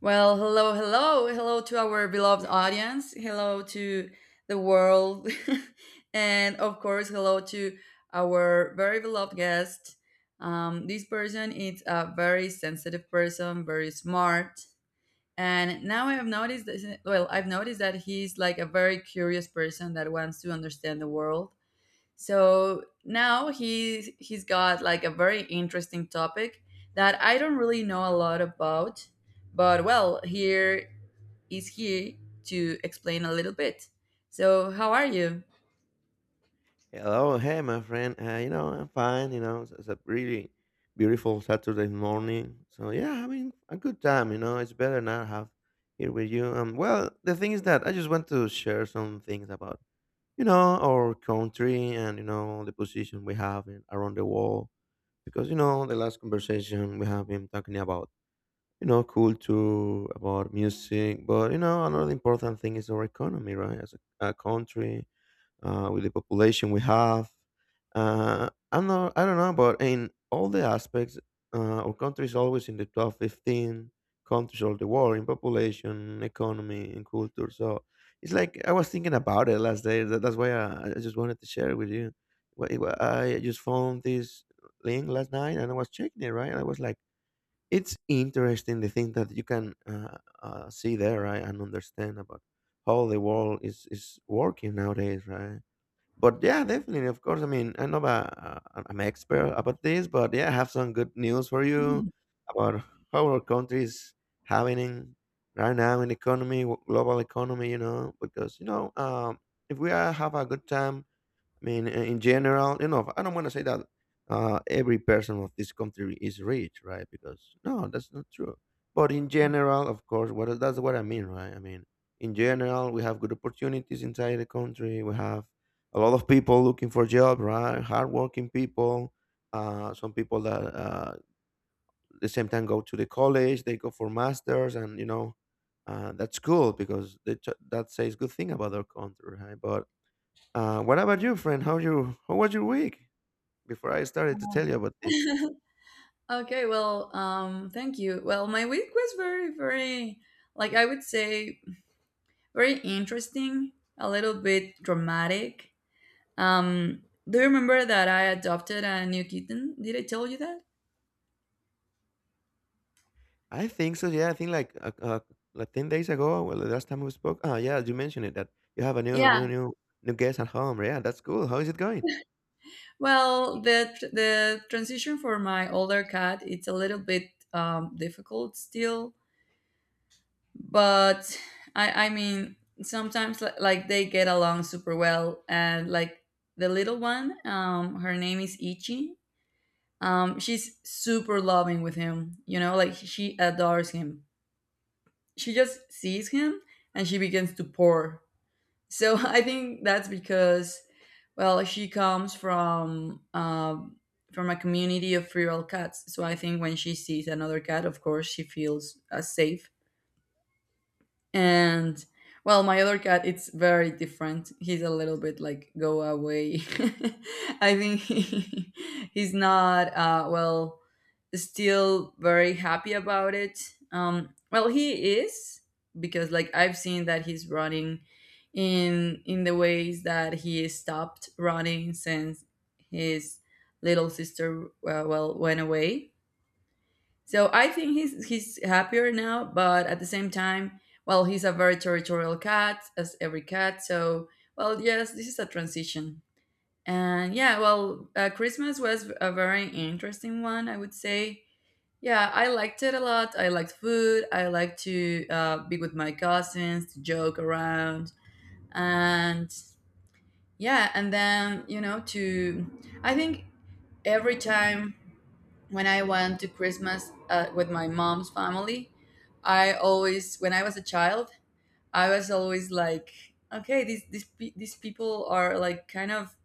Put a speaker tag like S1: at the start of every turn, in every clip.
S1: Well, hello, hello, hello to our beloved audience. Hello to the world. And of course, hello to our very beloved guest. This person is a very sensitive person, very smart. And now I have noticed that, well, I've noticed that he's like a very curious person that wants to understand the world, so now he's got like a very interesting topic that I don't really know a lot about, but, well, here is he to explain a little bit. So how are you?
S2: Hello, hey, my friend. You know, I'm fine. You know, it's a really beautiful Saturday morning. So yeah, having a good time. You know, it's better not have here with you. Well, the thing is that I just want to share some things about you know our country and you know the position we have in, around the world because you know the last conversation we have been talking about you know culture, about music, but you know another important thing is our economy, right? As a country with the population we have. I don't know, but in all the aspects, our country is always in the top 15 countries of the world in population, economy, and culture. So it's like I was thinking about it last day. That's why I just wanted to share it with you. I just found this link last night and I was checking it, right? And I was like, it's interesting the thing that you can see there, right? And understand about how the world is working nowadays, right? But yeah, definitely, of course. I mean, I'm not an expert about this, but yeah, I have some good news for you about how our country is having in- right now in the economy, global economy, you know, because, you know, if we are, have a good time. I mean, in general, you know, I don't want to say that every person of this country is rich, right? Because no, that's not true. But in general, of course, what that's what I mean, right? I mean, in general, we have good opportunities inside the country. We have a lot of people looking for jobs, right? Hardworking people. Some people that the same time go to the college, they go for masters, and you know, that's cool because that says good thing about our country, right? But what about you, friend? How you? How was your week? Before I started to tell you about this,
S1: Okay, well, thank you. Well, my week was very, very, like I would say, very interesting, a little bit dramatic. Um, do you remember that I adopted a new kitten? Did I tell you that?
S2: I think so. Yeah, I think like 10 days ago, well, the last time we spoke. Ah, yeah, you mentioned it that you have a
S1: Yeah.
S2: new guest at home. Yeah, that's cool. How is it going?
S1: Well, the transition for my older cat, it's a little bit difficult still, but I mean, sometimes like they get along super well, and like the little one, her name is Ichi. She's super loving with him. You know, like she adores him. She just sees him and she begins to pour. So I think that's because, well, she comes from a community of feral cats. So I think when she sees another cat, of course, she feels safe. And, well, my other cat, it's very different. He's a little bit like go away. I think he's not well still very happy about it. Well, he is because like I've seen that he's running in the ways that he stopped running since his little sister well went away. So I think he's happier now, but at the same time, well, he's a very territorial cat as every cat. So, well, yes, this is a transition. And yeah, well, Christmas was a very interesting one, I would say. Yeah, I liked it a lot. I liked food. I liked to be with my cousins, to joke around, and yeah. and then you know to. I think every time when I went to Christmas with my mom's family, I always, when I was a child, I was always like, okay, these people are like kind of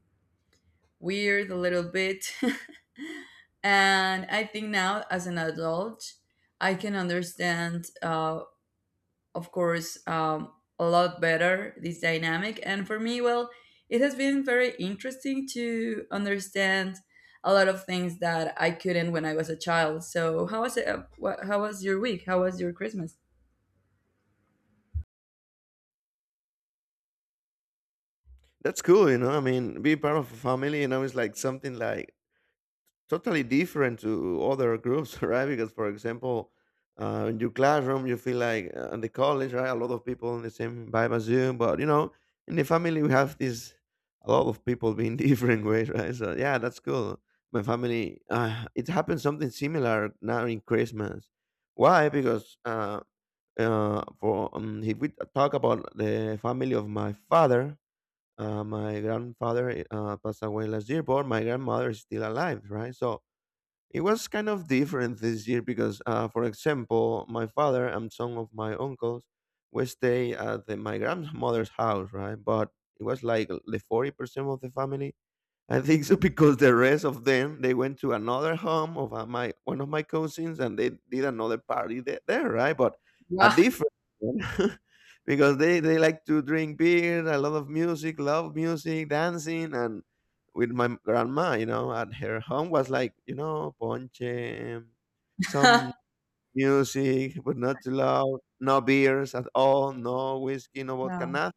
S1: weird a little bit, and I think now as an adult, I can understand. Of course, a lot better this dynamic. And for me, well, it has been very interesting to understand a lot of things that I couldn't when I was a child. So, how was it? How was your week? How was your Christmas?
S2: That's cool. You know, I mean, be part of a family. You know, it's like something like totally different to other groups, right? Because, for example, in your classroom, you feel like in the college, right? A lot of people in the same vibe as you, but you know, in the family, we have this a lot of people being different ways, right? So yeah, that's cool. My family, it happened something similar now in Christmas. Why? Because for if we talk about the family of my father, my grandfather passed away last year, but my grandmother is still alive, right? So it was kind of different this year because, for example, my father and some of my uncles would stay at the, my grandmother's house, right? But it was like the 40% of the family I think so because the rest of them they went to another home of my one of my cousins and they did another party there right? But a
S1: Wow.
S2: different one because they like to drink beer, a lot of music, love music, dancing, and with my grandma, you know, at her home was like you know ponche, some music, but not too loud. No beers at all. No whiskey. No vodka.
S1: Yeah.
S2: Nothing.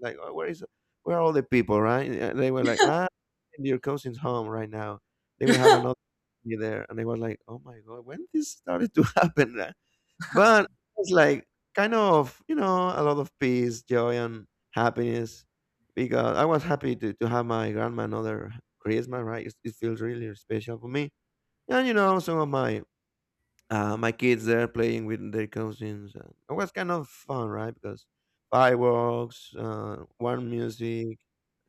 S2: Like, oh, where are all the people? Right? They were like, ah, in your cousin's home right now. They will have another party there, and they were like, oh my god, when this started to happen? But it's like kind of you know a lot of peace, joy, and happiness because I was happy to have my grandma another Christmas. Right? It feels really special for me. And you know, some of my my kids there playing with their cousins. And it was kind of fun, right? Because fireworks, warm music,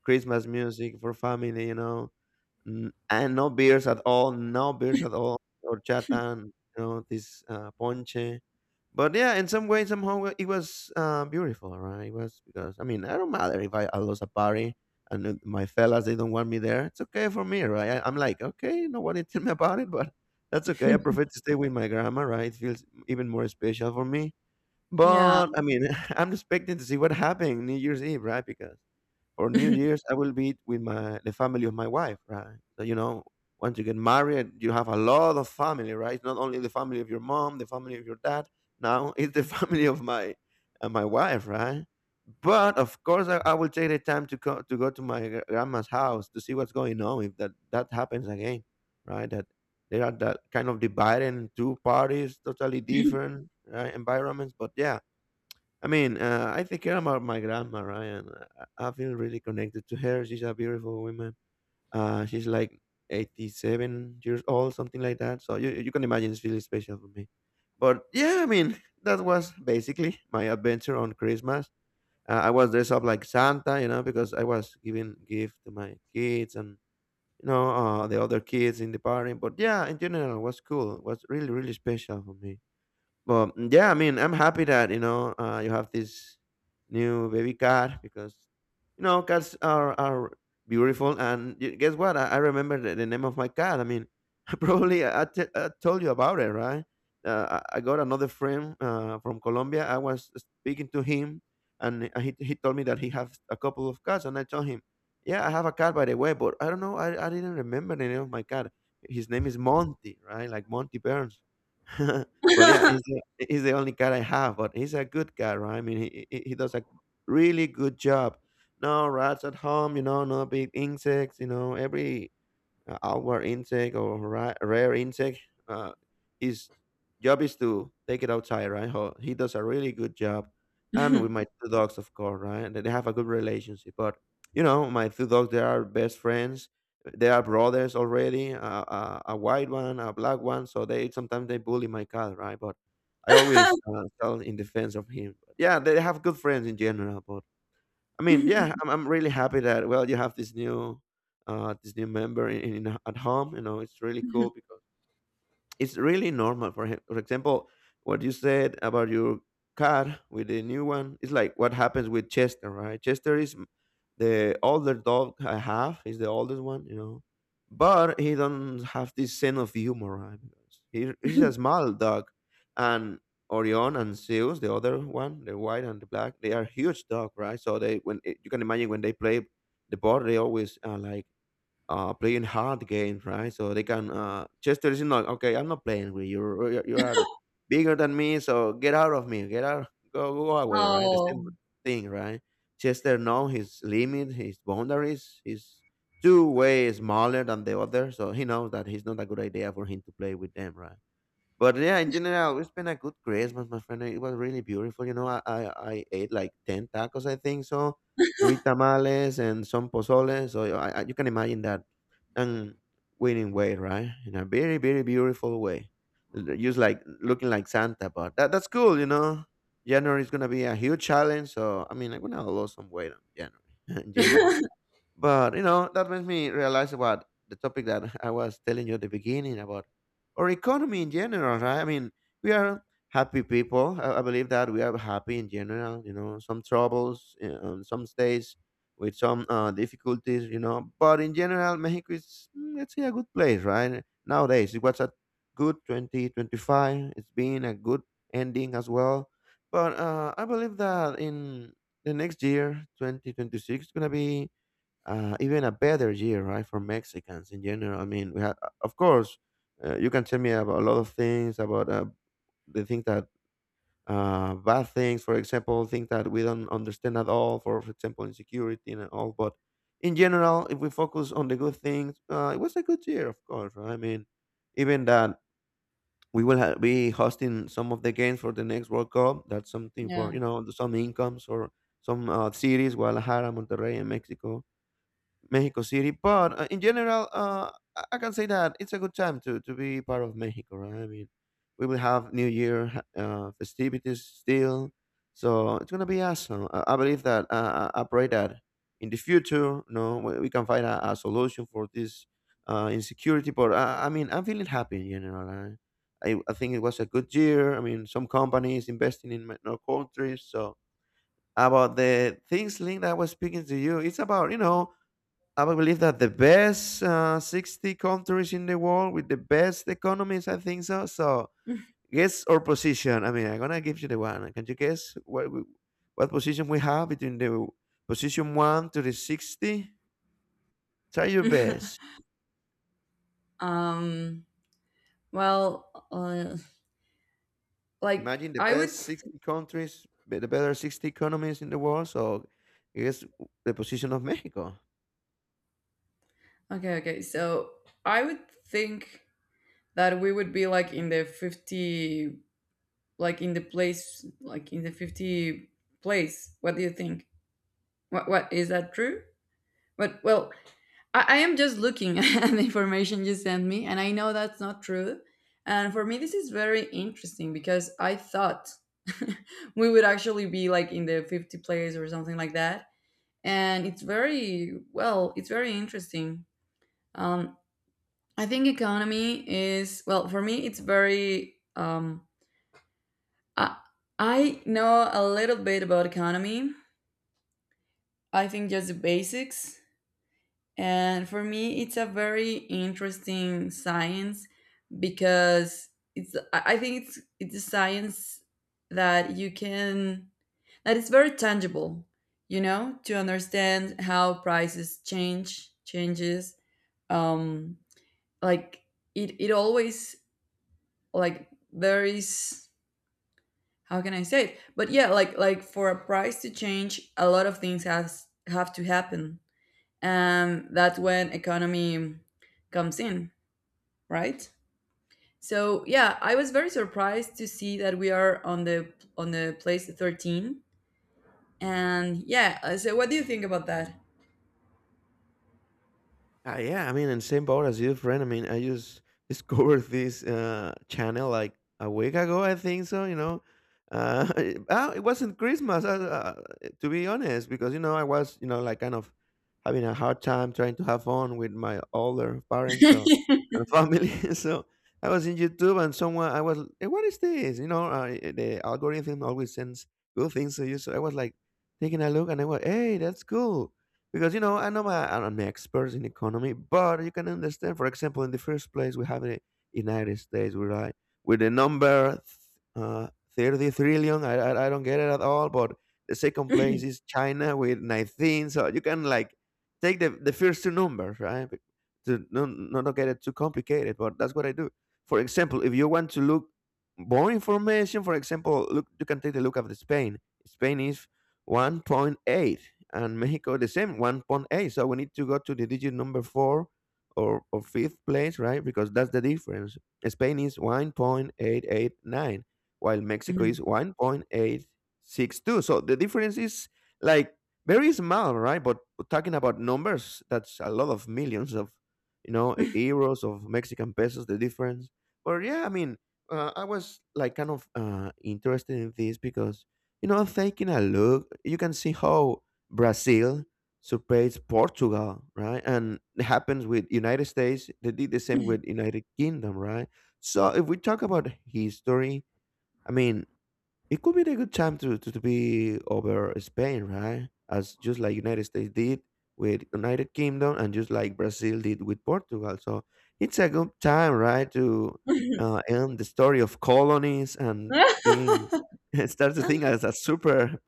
S2: Christmas music for family, you know, and no beers at all, or chatan, you know, this ponche. But yeah, in some way, somehow, it was beautiful, right? It was because I mean, I don't matter if I lose a party and my fellas they don't want me there. It's okay for me, right? I'm like, okay, nobody tell me about it, but that's okay. I prefer to stay with my grandma, right? It feels even more special for me.
S1: Yeah.
S2: But I mean, I'm expecting to see what happened New Year's Eve, right? Because for New Year's, I will be with my the family of my wife, right? So you know, once you get married, you have a lot of family, right? It's not only the family of your mom, the family of your dad. Now it's the family of my my wife, right? But of course, I will take the time to to go to my grandma's house to see what's going on. If that happens again, right? That they are that kind of divided in two parties, totally different right, environments. But yeah, I mean, I think about my grandma, right? And I feel really connected to her. She's a beautiful woman. She's like 87 years old, something like that. So you can imagine it's really special for me. But yeah, I mean, that was basically my adventure on Christmas. I was dressed up like Santa, you know, because I was giving gift to my kids and, you know, the other kids in the party. But yeah, in general, it was cool. It was really, really special for me. But yeah, I mean, I'm happy that you know you have this new baby cat because you know cats are beautiful. And you, guess what? I remember the name of my cat. I mean, probably I told you about it, right? I got another friend from Colombia. I was speaking to him, and he told me that he has a couple of cats, and I told him, yeah, I have a cat by the way, but I don't know, I didn't remember the name of my cat. His name is Monty, right? Like Monty Burns. But yeah, he's the only cat I have, but he's a good cat, right? I mean, he does a really good job. No rats at home, you know, no big insects, you know, every outward intake or rare intake. Uh, his job is to take it outside, right? He does a really good job. And with my two dogs, of course, right? They have a good relationship. But, you know, my two dogs, they are best friends. They are brothers already, a white one, a black one. So they sometimes they bully my cat, right? But I always tell in defense of him. Yeah, they have good friends in general. But I mean, yeah, I'm really happy that well you have this new member in at home. You know, it's really cool because it's really normal for him. For example, what you said about your car with the new one, it's like what happens with Chester, right? Chester is the older dog I have, is the oldest one, you know, but he don't have this sense of humor, right? Because he's a small dog, and Orion and Zeus, the other one, the white and the black, they are huge dog, right? So they when you can imagine when they play the board, they always are like playing hard games, right? So they can just tell you, no, okay, I'm not playing with you. You are bigger than me, so get out of me. Get out, go, go away, right? The
S1: Oh.
S2: same thing, right? Chester knows his limit, his boundaries. He's two-way smaller than the other, so he knows that he's not a good idea for him to play with them, right? But yeah, in general, it's been a good Christmas, my friend. It was really beautiful. You know, I ate like 10 tacos, I think so, three tamales, and some pozole. So I, you can imagine that. And winning weight, right? In a very, very beautiful way. Just like looking like Santa, but that's cool, you know? January is going to be a huge challenge. I'm going to lose some weight on January, in general. But you know, that makes me realize about the topic that I was telling you at the beginning about our economy in general, right? I mean, we are happy people. I believe that we are happy in general. You know, some troubles, you know, some states with some difficulties. You know, but in general, Mexico is let's say a good place, right? Nowadays, it was a good 2025. It's been a good ending as well. But I believe that in the next year, 2026, it's gonna be even a better year, right, for Mexicans in general. I mean, we had, of course, you can tell me about a lot of things about the things that bad things, for example, things that we don't understand at all, for example, insecurity and all. But in general, if we focus on the good things, it was a good year, of course. Right? I mean, even that we will be hosting some of the games for the next World Cup. That's something for,
S1: Yeah.
S2: you know, some incomes or some cities: Guadalajara, Monterrey, and Mexico City. But in general, I can say that it's a good time to be part of Mexico, right? I mean, we will have New Year festivities still, so it's gonna be awesome. I believe that. I pray that in the future, you know, we can find a solution for this insecurity. But I'm feeling happy in general. I think it was a good year. I mean, some companies investing in in our countries. So about the things link that I was speaking to you. It's about, you know, I would believe that the best 60 countries in the world with the best economies, I think so. So guess our position. I mean, I'm gonna give you the one. Can you guess what what position we have between the position one to the 60? Try your best.
S1: um. Well, like
S2: Imagine the
S1: I would
S2: best 60 countries, the better 60 economies in the world. So guess the position of Mexico.
S1: okay, okay. So I would think that we would be like in the 50, like in the place, like in the 50 place. What do you think? What, is that true? But, well, I am just looking at the information you sent me, and I know that's not true. And for me, this is very interesting because I thought we would actually be like in the 50 place or something like that. And it's very, well, it's very interesting. Um, I think economy is, well, for me, it's very. I I know a little bit about economy. I think just the basics, and for me, it's a very interesting science because it's. I think it's a science that you can that is very tangible. You know, to understand how prices changes. Um, like it always, like there is, how can I say it? But yeah, like for a price to change, a lot of things has have to happen, and that's when economy comes in, right? So yeah, I was very surprised to see that we are on the place 13, and yeah. So what do you think about that?
S2: Yeah, I mean, in same boat as you, friend. I mean, I just discovered this channel like a week ago, I think so. You know, It wasn't Christmas, to be honest, because you know I was, you know, like kind of having a hard time trying to have fun with my older parents, so, and family. So I was in YouTube, and someone I was, hey, what is this? You know, the algorithm always sends good things to you. So I was like taking a look, and I was, hey, that's cool because, you know, I know I'm an expert in economy, but you can understand. For example, in the first place, we have in the United States, we right with the number uh, 30 trillion. I don't get it at all. But the second place is China with 19. So you can like take the first two numbers, right? To not to get it too complicated. But that's what I do. For example, if you want to look more information, for example, look, you can take a look at the Spain. Spain is 1.8 and Mexico the same 1.8. So we need to go to the digit number four or fifth place, right? Because that's the difference. Spain is 1.889, while Mexico
S1: Mhm.
S2: is 1.862. So the difference is like very small, right? But talking about numbers, that's a lot of millions of, you know, euros of Mexican pesos, the difference. But yeah, I mean, I was like kind of interested in this because, you know, taking a look, you can see how Brazil supports Portugal, right? And it happens with United States. They did the same with United Kingdom, right? So if we talk about history, I mean, it could be a good time to be over Spain, right? As just like United States did with United Kingdom and just like Brazil did with Portugal. So it's a good time, right, to end the story of colonies and being start to think as a super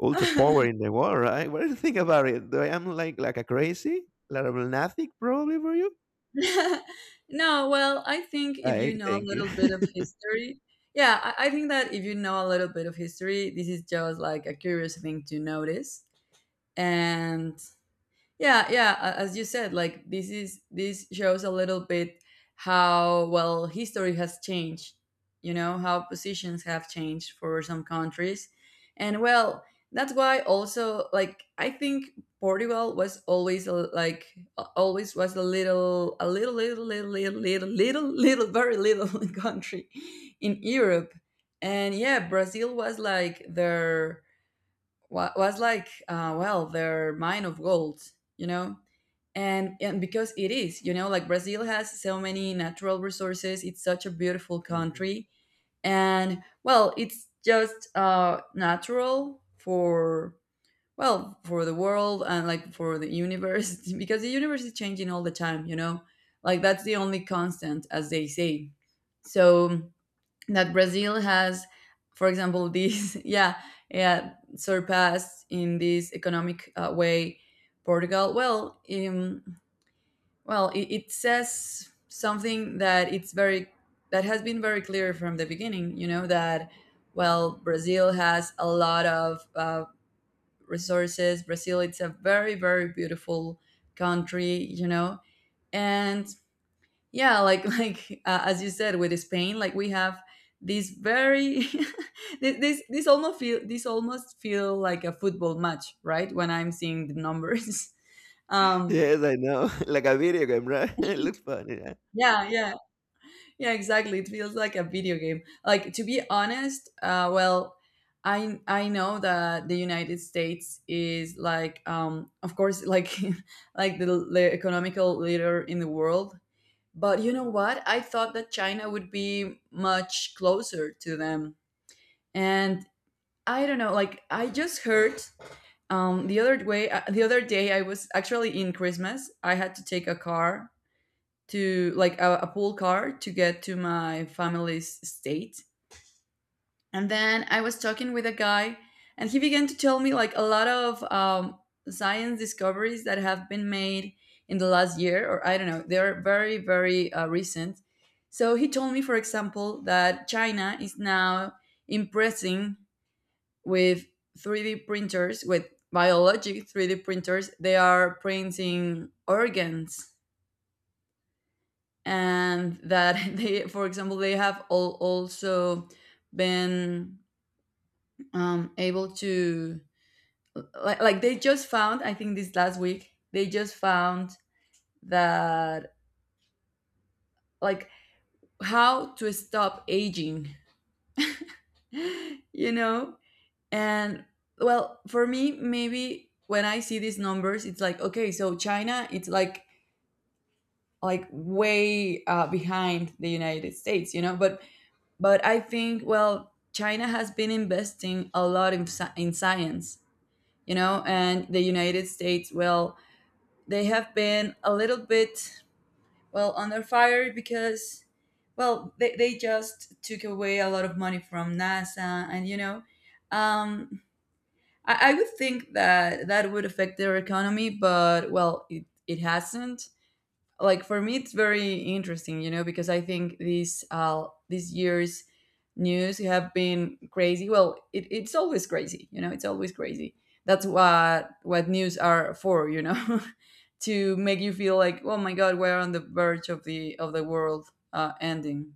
S2: ultra power in the world, right? What do you think about it? Do I am like a crazy, like a lunatic, probably for you?
S1: No, well, I think if you
S2: I
S1: know a
S2: thank you.
S1: little bit of history, yeah, I think that if you know a little bit of history, this is just like a curious thing to notice. And yeah, yeah. As you said, like this shows a little bit how well history has changed. You know how positions have changed for some countries, and, well, that's why also like I think Portugal was always always was a little, a little little little little little little little very little country in Europe, and yeah, Brazil was like their was like well, their mine of gold. You know, and because it is, you know, like Brazil has so many natural resources, it's such a beautiful
S2: Mhm.
S1: country, and, well, it's just natural for, well, for the world, and like for the universe, because the universe is changing all the time, you know, like that's the only constant, as they say. So that Brazil has, for example, this yeah, yeah, surpassed in this economic way, Portugal. Well, well, it says something that it's very, that has been very clear from the beginning. You know that, well, Brazil has a lot of resources. Brazil, it's a very, very beautiful country. You know, and yeah, like like as you said with Spain, like we have this very, this almost feel, like a football match, right? When I'm seeing the numbers. Um,
S2: Yes, I know. Like a video game, right? It looks funny. Yeah.
S1: yeah, yeah. Yeah, exactly. It feels like a video game. Like, to be honest, well, I know that the United States is like, of course, like like the economical leader in the world. But you know what? I thought that China would be much closer to them, and I don't know. Like I just heard the other way. The other day, I was actually in Christmas. I had to take a car to like a pool car to get to my family's estate. And then I was talking with a guy, and he began to tell me like a lot of science discoveries that have been made in the last year, or I don't know, they're very, very recent. So he told me, for example, that China is now impressing with 3D printers, with biologic 3D printers. They are printing organs, and that they, for example, they have all also been able to, like they just found, I think this last week they just found that like how to stop aging, you know, and, well, for me maybe when I see these numbers it's like, okay, so China, it's like, way behind the United States, you know. But I think, well, China has been investing a lot in science, you know, and the United States, well, they have been a little bit, well, under fire because, well, they just took away a lot of money from NASA. And, you know, um, I would think that that would affect their economy, but, well, it hasn't. Like, for me, it's very interesting, you know, because I think these years, news have been crazy. Well, it's always crazy, you know, it's always crazy. That's what news are for, you know. To make you feel like, oh my god, we're on the verge of the world ending,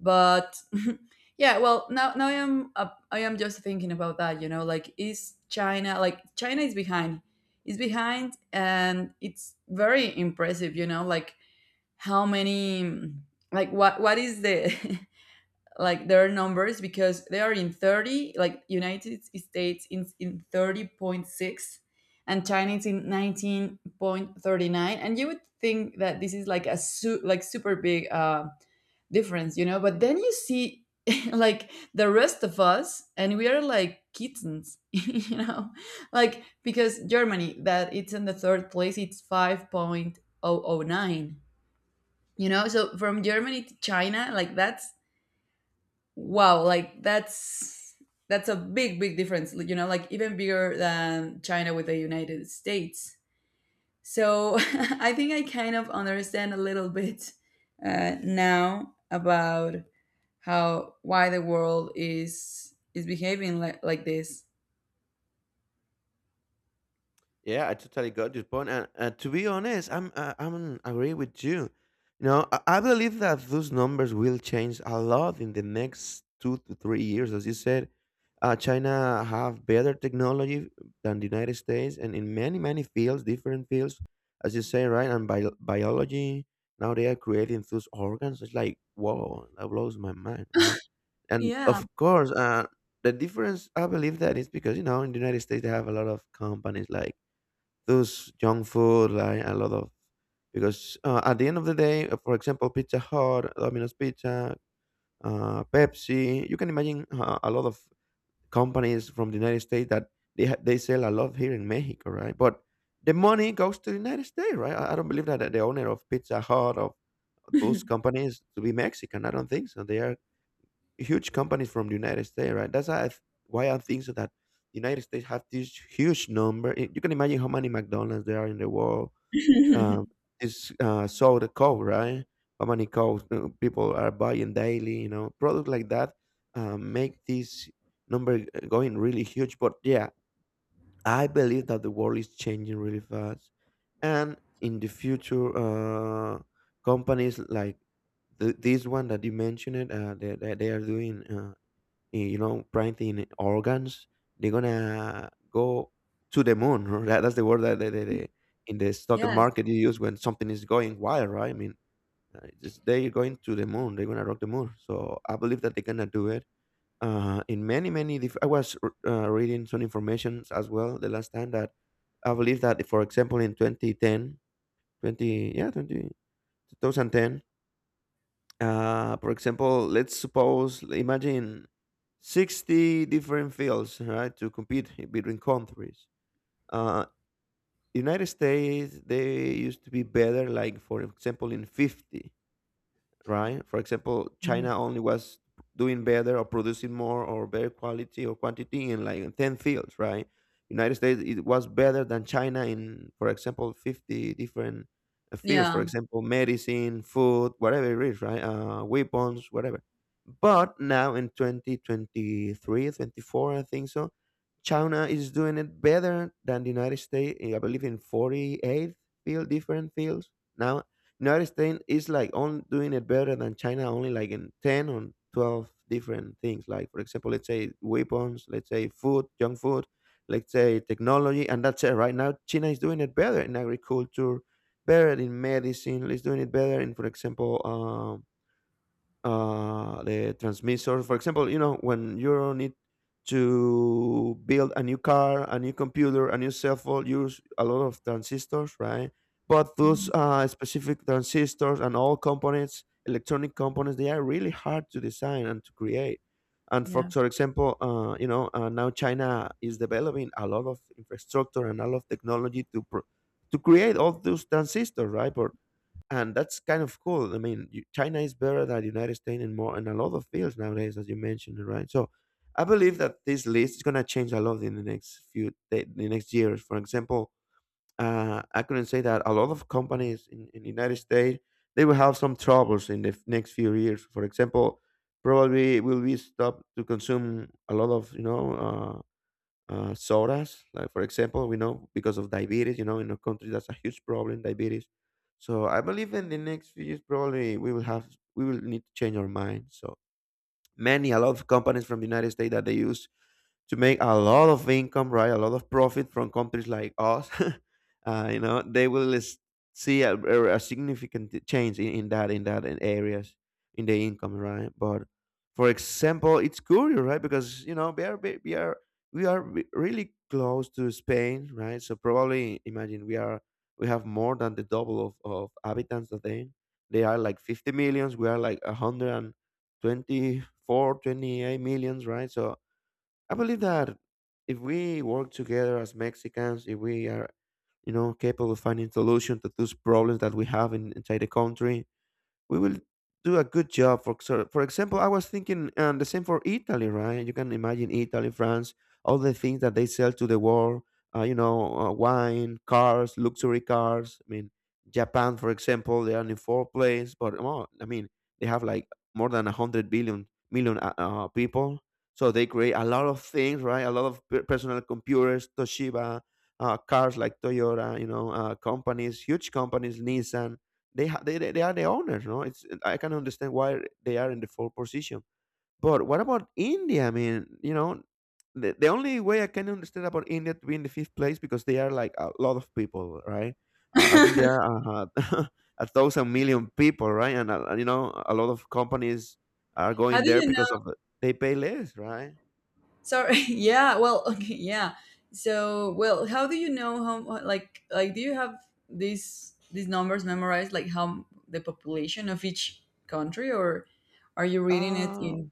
S1: but yeah, well, now I am just thinking about that, you know, like, is China, like, China is behind, and it's very impressive, you know, like how many, like what is the, like, their numbers, because they are in 30, like United States in 30.6, and China is in 19.39, and you would think that this is like a like super big difference, you know, but then you see like the rest of us, and we are like kittens, you know, like because Germany, that it's in the third place, it's 5.009. You know, so from Germany to China, like that's, wow, like that's a big, big difference, you know, like even bigger than China with the United States. So I think I kind of understand a little bit now about how why the world is behaving like, this.
S2: Yeah, I totally got your point, and to be honest, I'm agree with you. You know, I believe that those numbers will change a lot in the next 2 to 3 years, as you said. China have better technology than the United States, and in many many fields, different fields, as you say, right? And biology, now they are creating those organs. It's like whoa, that blows my mind, right? And
S1: Yeah.
S2: of course, the difference I believe that is because you know in the United States they have a lot of companies like those junk food, like a lot of because at the end of the day, for example, Pizza Hut, Domino's Pizza, Pepsi, you can imagine a lot of companies from the United States that they they sell a lot here in Mexico, right? But the money goes to the United States, right? I don't believe that the owner of Pizza Hut of those companies to be Mexican. I don't think so. They are huge companies from the United States, right? That's why why I think so that the United States have this huge number. You can imagine how many McDonald's there are in the world. Um, it's so the coke, right? How many coke people are buying daily? You know, products like that make this number going really huge. But yeah, I believe that the world is changing really fast, and in the future, companies like this one that you mentioned, that they are doing. You know, printing organs, they're gonna go to the moon. Right? That's the word that in the stock
S1: Yes. Yeah.
S2: market you use when something is going wild, right? I mean, it's- they're going to the moon. They're gonna rock the moon. So I believe that they're gonna do it. In many many, reading some information as well the last time that I believe that, for example, in 2010, 20 yeah, 20, 2010, for example, let's suppose, imagine 60 different fields, right, to compete between countries. Uh, United States, they used to be better, like, for example, in 50, right? For example,
S1: Mhm.
S2: China only was doing better or producing more or better quality or quantity in like 10 fields, right? United States it was better than China in, for example, 50 different fields, for
S1: Yeah.
S2: example, medicine, food, whatever it is, right? Weapons, whatever. But now in 2023, 24, I think so, China is doing it better than the United States, I believe, in 48 field, different fields now. United States is like on doing it better than China, only like in 10 or 12 different things. Like for example, let's say weapons, let's say food, junk food, let's say technology, and that's it. Right now, China is doing it better in agriculture, better in medicine. It's doing it better in, for example, the transmission. For example, you know, when you need to build a new car, a new computer, a new cell phone, use a lot of transistors, right? But those specific transistors and all components, electronic components, they are really hard to design and to create. And for,
S1: Yes.
S2: for example, you know, now China is developing a lot of infrastructure and a lot of technology to to create all those transistors, right? But and that's kind of cool. I mean, you, China is better than United States in more in a lot of fields nowadays, as you mentioned, right? So, I believe that this list is gonna change a lot in the next years. For example, I couldn't say that a lot of companies in the United States they will have some troubles in the next few years. For example, probably will be stopped to consume a lot of, you know. Sodas. Like for example, we know because of diabetes, you know, in our country that's a huge problem, diabetes. So I believe in the next few years probably we will have we will need to change our mind. So many a lot of companies from the United States that they use to make a lot of income, right? A lot of profit from companies like us. They will see a significant change in that areas in the income, right? But for example, it's curious, right? Because we are really close to Spain, right? So probably imagine we have more than the double of habitants that they are like 50 millions. We are like 124, 28 millions, right? So I believe that if we work together as Mexicans, if we are, capable of finding solution to those problems that we have inside the country, we will do a good job. For example, I was thinking and the same for Italy, right? You can imagine Italy, France, all the things that they sell to the world. Wine, cars, luxury cars. I mean, Japan, for example, they are in fourth place, but well, I mean, they have like more than 100 billion million people. So they create a lot of things, right? A lot of personal computers, Toshiba, cars like Toyota, companies, huge companies, Nissan, they are the owners, no? It's I can understand why they are in the fourth position. But what about India? I mean, the only way I can understand about India to be in the fifth place because they are like a lot of people, right? I think there are 1,000 million people, right? And a lot of companies are
S1: how
S2: going
S1: do
S2: there
S1: you
S2: because they pay less, right?
S1: Sorry. Yeah. Well. Okay. Yeah. So, well, how do you know like, do you have these numbers memorized, like the population of each country, or are you reading it
S2: Uh
S1: in,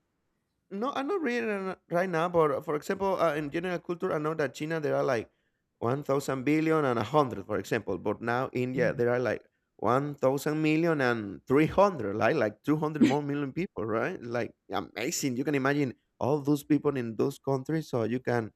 S2: No, I'm not reading it right now, but for example, in general culture, I know that China there are like 1,000 billion and 100, for example, but now India there are like one thousand million and three hundred, like 200 more million people, right? Like amazing. You can imagine all those people in those countries, so you can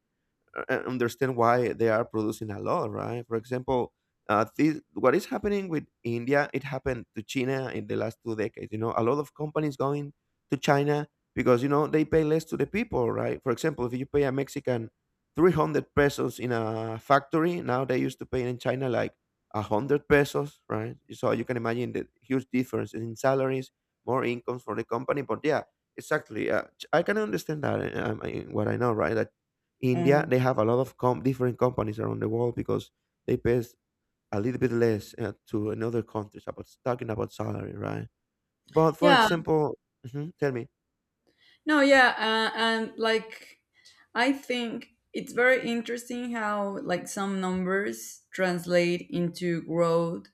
S2: understand why they are producing a lot, right? For example, what is happening with India, it happened to China in the last 2 decades. You know, a lot of companies going to China because, you know, they pay less to the people, right? For example, if you pay a Mexican 300 pesos in a factory, now they used to pay in China like 100 pesos, right? So you can imagine the huge difference in salaries, more incomes for the company. But yeah, exactly. I can understand that. I mean, what I know, right? That India,
S1: um,
S2: they have a lot of different companies around the world because they pay a little bit less to another countries about talking about salary, right? But for
S1: yeah.
S2: example, mhm, tell me.
S1: No, yeah. And like, I think it's very interesting how, like, some numbers translate into growth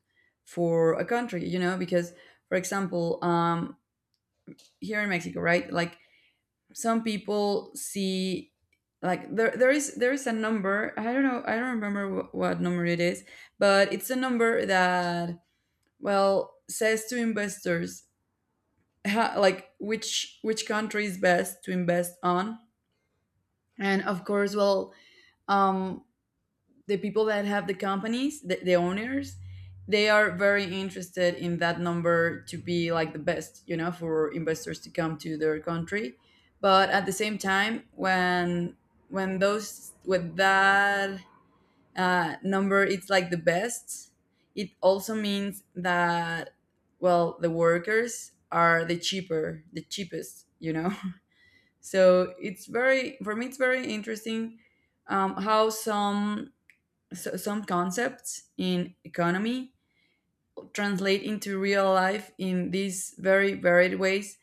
S1: for a country, you know, because, for example, here in Mexico, right? Like some people see, like, there is a number, I don't know, I don't remember what number it is, but it's a number that, well, says to investors, ha, like which country is best to invest on. And of course, well, um the people that have the companies, the owners, they are very interested in that number to be like the best, you know, for investors to come to their country. But at the same time, when, those with that number, it's like the best. It also means that, well, the workers are the cheapest, you know. So it's very, for me, it's very interesting, how some, some concepts in economy translate into real life in these very varied ways.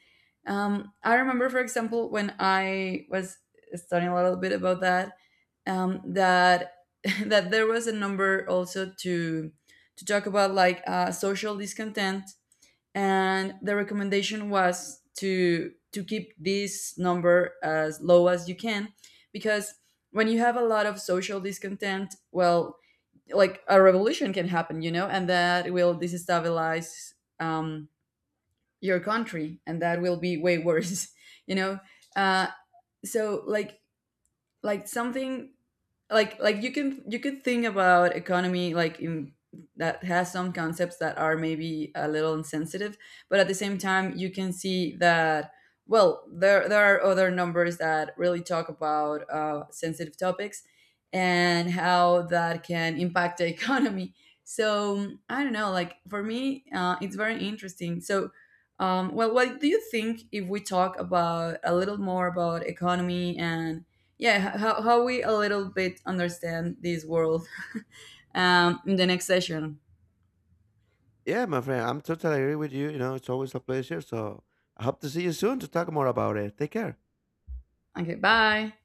S1: I remember, for example, when I was studying a little bit about that, that that there was a number also to talk about like social discontent, and the recommendation was to keep this number as low as you can, because when you have a lot of social discontent, well, like a revolution can happen, you know, and that will destabilize, um, your country, and that will be way worse, you know. uh, so, like, something, like, you could think about economy like in, that has some concepts that are maybe a little insensitive, but at the same time you can see that, well, there are other numbers that really talk about sensitive topics, and how that can impact the economy. So I don't know, like, for me, it's very interesting. So, well, what do you think if we talk about a little more about economy, and yeah, how we a little bit understand this world, in the next session.
S2: Yeah, my friend, I'm totally agree with you. You know, it's always a pleasure. So I hope to see you soon to talk more about it. Take care.
S1: Okay, bye.